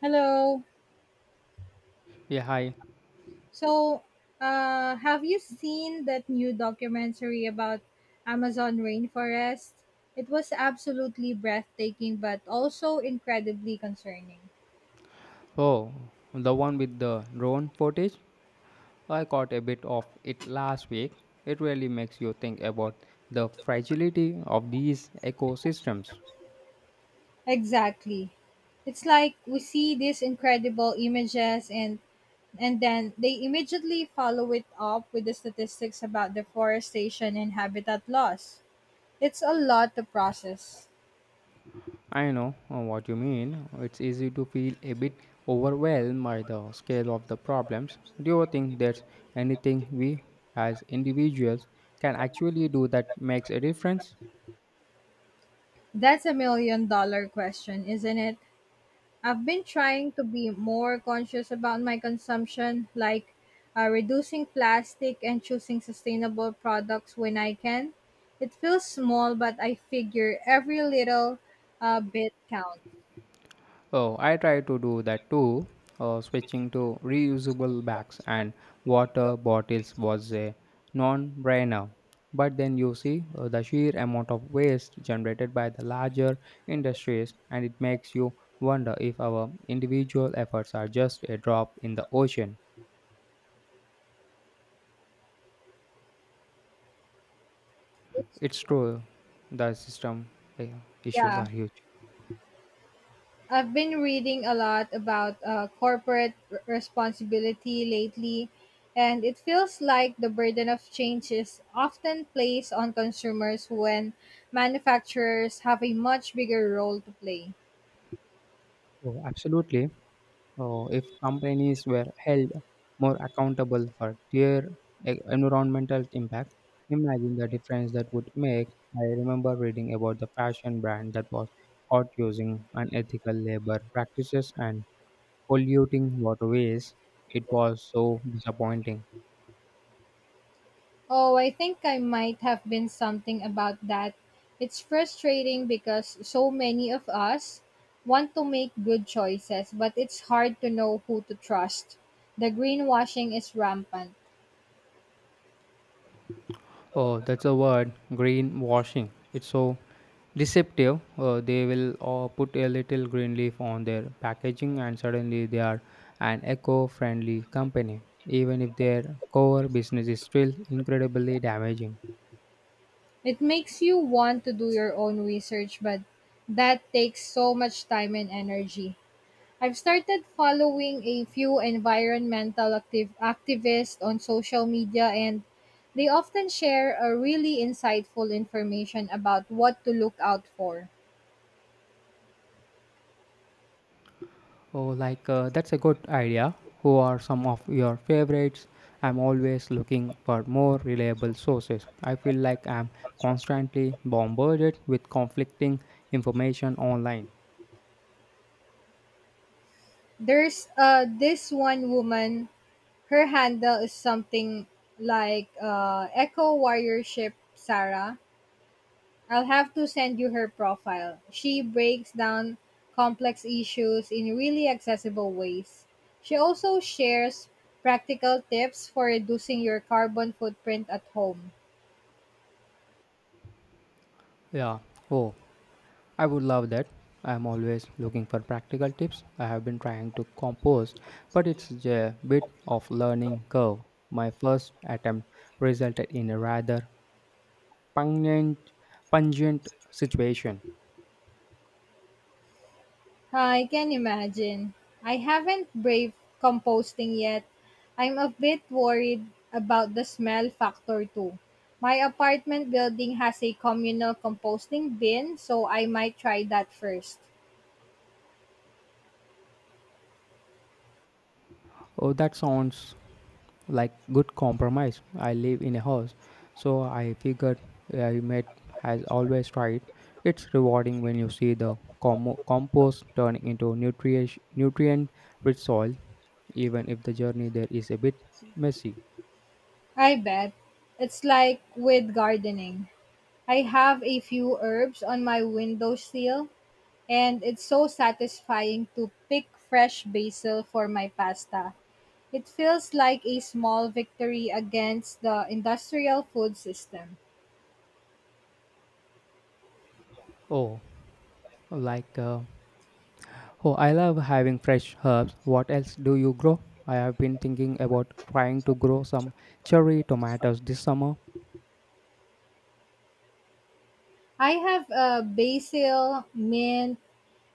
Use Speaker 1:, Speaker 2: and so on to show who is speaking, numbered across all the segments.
Speaker 1: Hello.
Speaker 2: Yeah, hi.
Speaker 1: So, have you seen that new documentary about Amazon rainforest? It was absolutely breathtaking, but also incredibly concerning.
Speaker 2: Oh, the one with the drone footage? I caught a bit of it last week. It really makes you think about the fragility of these ecosystems.
Speaker 1: Exactly. It's like we see these incredible images and then they immediately follow it up with the statistics about deforestation and habitat loss. It's a lot to process.
Speaker 2: I know what you mean. It's easy to feel a bit overwhelmed by the scale of the problems. Do you think there's anything we, as individuals, can actually do that makes a difference?
Speaker 1: That's a million dollar question, isn't it? I've been trying to be more conscious about my consumption, like reducing plastic and choosing sustainable products when I can. It feels small, but I figure every little bit counts.
Speaker 2: Oh, I try to do that too. Switching to reusable bags and water bottles was a non brainer. But then you see the sheer amount of waste generated by the larger industries, and it makes you wonder if our individual efforts are just a drop in the ocean.
Speaker 1: It's,
Speaker 2: It's true, the system uh, issues
Speaker 1: yeah,
Speaker 2: are huge.
Speaker 1: I've been reading a lot about corporate responsibility lately, and it feels like the burden of change is often placed on consumers when manufacturers have a much bigger role to play.
Speaker 2: Oh, absolutely. Oh, if companies were held more accountable for clear environmental impacts, imagine the difference that would make. I remember reading about the fashion brand that was caught using unethical labor practices and polluting waterways. It was so disappointing.
Speaker 1: Oh, I think I might have been something about that. It's frustrating because so many of us want to make good choices, but it's hard to know who to trust. The greenwashing is rampant.
Speaker 2: Oh, that's a word, greenwashing. It's so deceptive. They will put a little green leaf on their packaging, and suddenly they are an eco friendly company, even if their core business is still incredibly damaging.
Speaker 1: It makes you want to do your own research, but that takes so much time and energy. I've started following a few environmental active activists on social media and they often share a really insightful information about what to look out for.
Speaker 2: Oh, like that's a good idea. Who are some of your favorites? I'm always looking for more reliable sources. I feel like I'm constantly bombarded with conflicting information online.
Speaker 1: There's this one woman, her handle is something like Eco Warriorship Sarah. I'll have to send you her profile. She breaks down complex issues in really accessible ways. She also shares practical tips for reducing your carbon footprint at home.
Speaker 2: Yeah. Oh, I would love that. I am always looking for practical tips. I have been trying to compose, but it's a bit of learning curve. My first attempt resulted in a rather pungent, pungent situation.
Speaker 1: I can imagine. I haven't braved composting yet. I'm a bit worried about the smell factor too. My apartment building has a communal composting bin, so I might try that first.
Speaker 2: Oh, that sounds like good compromise. I live in a house, so I figured I made has always tried. It's rewarding when you see the compost turning into nutrient rich soil, even if the journey there is a bit messy.
Speaker 1: I bet. It's like with gardening. I have a few herbs on my windowsill, and it's so satisfying to pick fresh basil for my pasta. It feels like a small victory against the industrial food system.
Speaker 2: Oh, like oh, I love having fresh herbs. What else do you grow? I have been thinking about trying to grow some cherry tomatoes this summer.
Speaker 1: I have a basil, mint,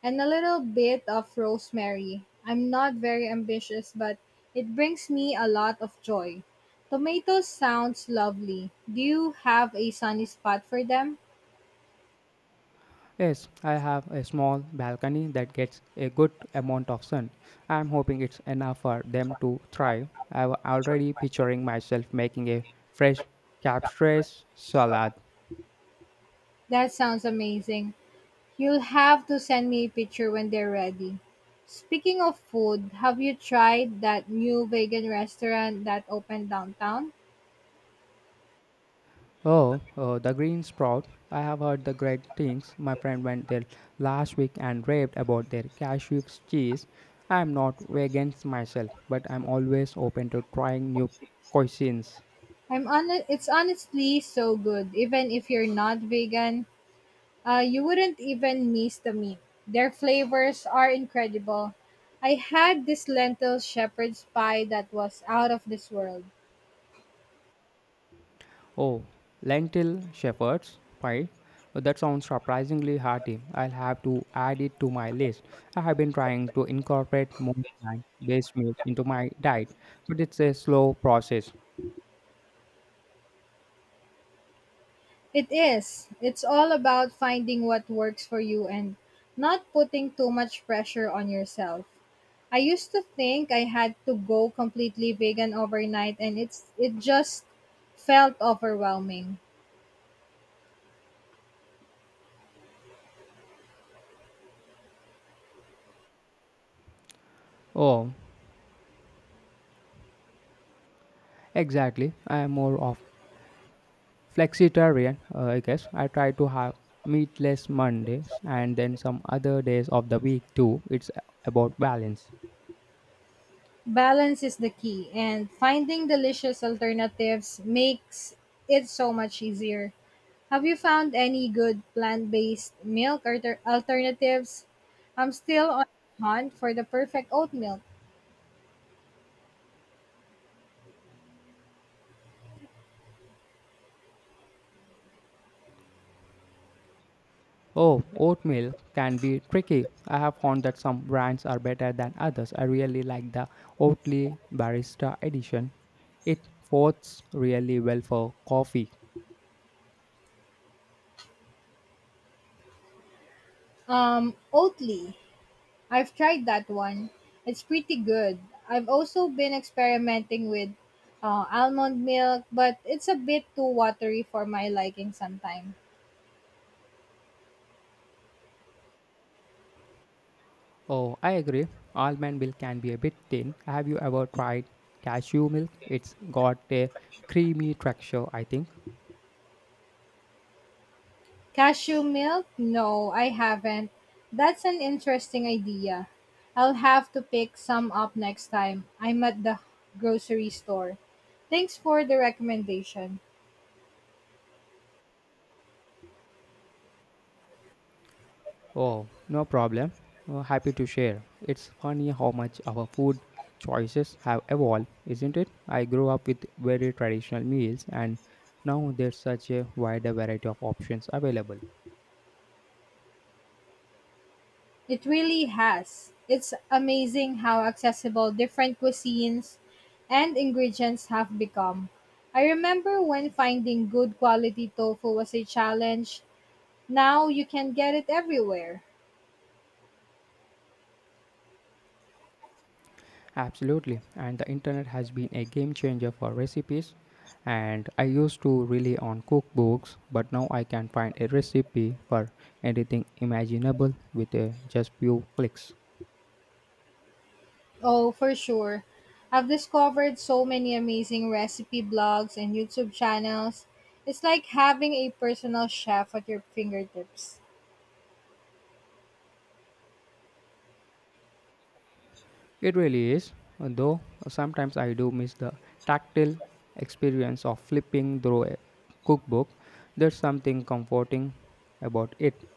Speaker 1: and a little bit of rosemary. I'm not very ambitious, but it brings me a lot of joy. Tomatoes sounds lovely. Do you have a sunny spot for them?
Speaker 2: Yes, I have a small balcony that gets a good amount of sun. I'm hoping it's enough for them to thrive. I'm already picturing myself making a fresh caprese salad.
Speaker 1: That sounds amazing. You'll have to send me a picture when they're ready. Speaking of food, have you tried that new vegan restaurant that opened downtown?
Speaker 2: Oh, the green sprout. I have heard the great things. My friend went there last week and raved about their cashew cheese. I'm not vegan myself, but I'm always open to trying new cuisines.
Speaker 1: I'm on it's honestly so good. Even if you're not vegan, you wouldn't even miss the meat. Their flavors are incredible. I had this lentil shepherd's pie that was out of this world.
Speaker 2: Oh, lentil shepherd's pie. That sounds surprisingly hearty. I'll have to add it to my list. I have been trying to incorporate more plant-based meals into my diet, but it's a slow process.
Speaker 1: It is. It's all about finding what works for you and not putting too much pressure on yourself. I used to think I had to go completely vegan overnight and it just felt overwhelming.
Speaker 2: Oh, exactly. I'm more of flexitarian, I guess. I try to have meatless Mondays and then some other days of the week too. It's about balance.
Speaker 1: Balance is the key and finding delicious alternatives makes it so much easier. Have you found any good plant-based milk alternatives? I'm still on the hunt for the perfect oat milk.
Speaker 2: Oh, oatmeal can be tricky. I have found that some brands are better than others. I really like the Oatly Barista Edition. It works really well for coffee.
Speaker 1: Oatly. I've tried that one. It's pretty good. I've also been experimenting with almond milk, but it's a bit too watery for my liking sometimes.
Speaker 2: Oh, I agree. Almond milk can be a bit thin. Have you ever tried cashew milk? It's got a creamy texture, I think.
Speaker 1: Cashew milk? No, I haven't. That's an interesting idea. I'll have to pick some up next time I'm at the grocery store. Thanks for the recommendation.
Speaker 2: Oh, no problem. Happy to share. It's funny how much our food choices have evolved, isn't it? I grew up with very traditional meals, and now there's such a wider variety of options available.
Speaker 1: It really has. It's amazing how accessible different cuisines and ingredients have become. I remember when finding good quality tofu was a challenge. Now you can get it everywhere.
Speaker 2: Absolutely, and the internet has been a game changer for recipes. And I used to rely on cookbooks, but now I can find a recipe for anything imaginable with a just few clicks.
Speaker 1: Oh, for sure. I've discovered so many amazing recipe blogs and YouTube channels. It's like having a personal chef at your fingertips.
Speaker 2: It really is, though sometimes I do miss the tactile experience of flipping through a cookbook. There's something comforting about it.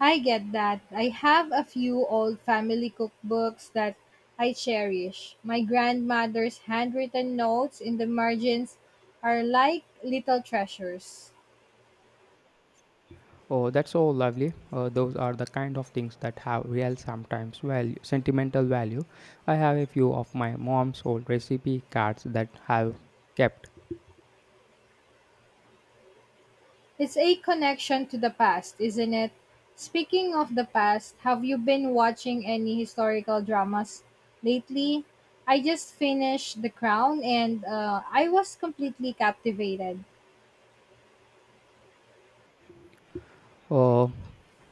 Speaker 1: I get that. I have a few old family cookbooks that I cherish. My grandmother's handwritten notes in the margins are like little treasures.
Speaker 2: Oh, that's so lovely. Those are the kind of things that have real, sometimes value, sentimental value. I have a few of my mom's old recipe cards that have kept.
Speaker 1: It's a connection to the past, isn't it? Speaking of the past, have you been watching any historical dramas lately? I just finished The Crown and I was completely captivated.
Speaker 2: Uh,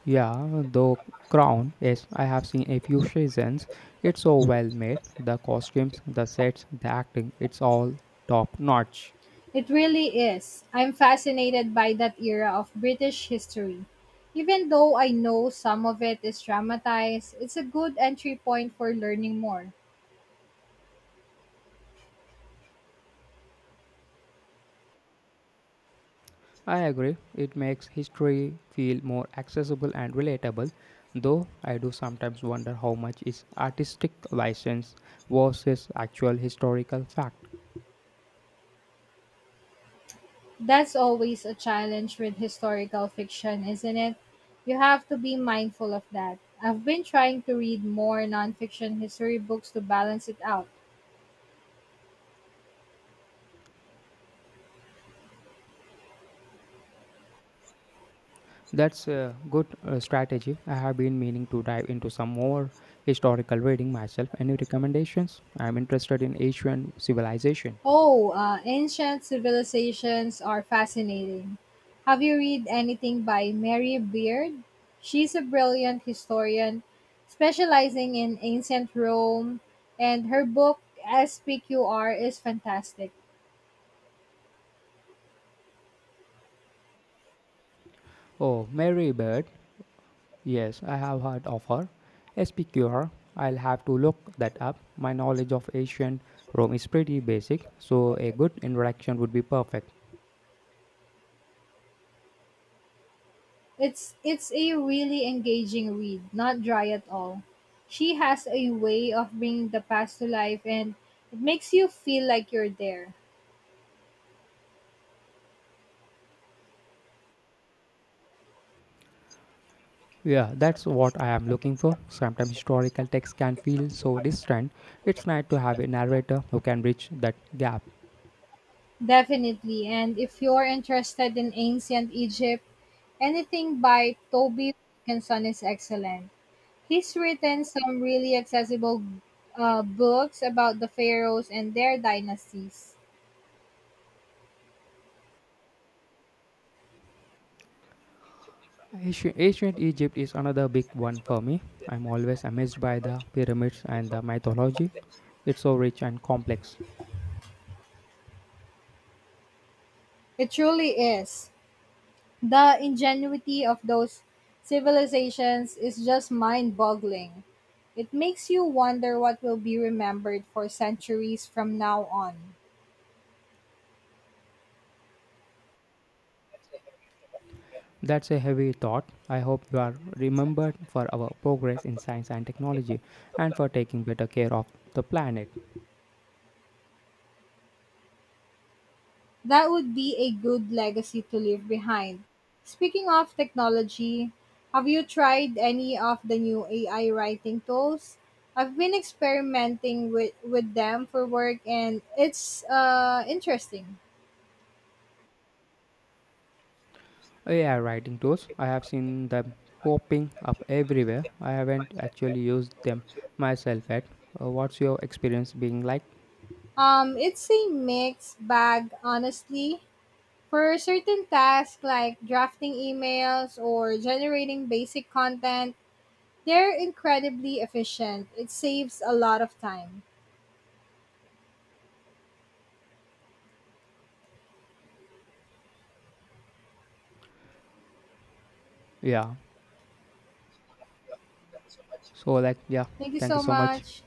Speaker 2: Yeah, the crown, yes, I have seen a few seasons. It's so well made. The costumes, the sets, the acting, it's all top notch.
Speaker 1: It really is. I'm fascinated by that era of British history. Even though I know some of it is dramatized, it's a good entry point for learning more.
Speaker 2: I agree, it makes history feel more accessible and relatable, though I do sometimes wonder how much is artistic license versus actual historical fact.
Speaker 1: That's always a challenge with historical fiction, isn't it? You have to be mindful of that. I've been trying to read more nonfiction history books to balance it out.
Speaker 2: That's a good strategy. I have been meaning to dive into some more historical reading myself. Any recommendations? I'm interested in Asian civilization.
Speaker 1: Oh, ancient civilizations are fascinating. Have you read anything by Mary Beard? She's a brilliant historian specializing in ancient Rome, and her book SPQR is fantastic.
Speaker 2: Oh, Mary Bird. Yes, I have heard of her. SPQR. I'll have to look that up. My knowledge of ancient Rome is pretty basic, so a good introduction would be perfect.
Speaker 1: It's a really engaging read, not dry at all. She has a way of bringing the past to life and it makes you feel like you're there.
Speaker 2: Yeah, that's what I am looking for. Sometimes historical texts can feel so distant. It's nice to have a narrator who can bridge that gap.
Speaker 1: Definitely. And if you're interested in ancient Egypt, anything by Toby Wilkinson is excellent. He's written some really accessible books about the pharaohs and their dynasties.
Speaker 2: Ancient Egypt is another big one for me. I'm always amazed by the pyramids and the mythology. It's so rich and complex.
Speaker 1: It truly is. The ingenuity of those civilizations is just mind boggling. It makes you wonder what will be remembered for centuries from now on.
Speaker 2: That's a heavy thought. I hope you are remembered for our progress in science and technology and for taking better care of the planet.
Speaker 1: That would be a good legacy to leave behind. Speaking of technology, have you tried any of the new AI writing tools? I've been experimenting with them for work and it's interesting.
Speaker 2: AI writing tools. I have seen them popping up everywhere. I haven't actually used them myself yet. What's your experience being like?
Speaker 1: It's a mixed bag, honestly. For certain tasks like drafting emails or generating basic content, they're incredibly efficient. It saves a lot of time.
Speaker 2: Yeah. So like, yeah.
Speaker 1: Thank you
Speaker 2: Thank you
Speaker 1: so
Speaker 2: so much.
Speaker 1: much.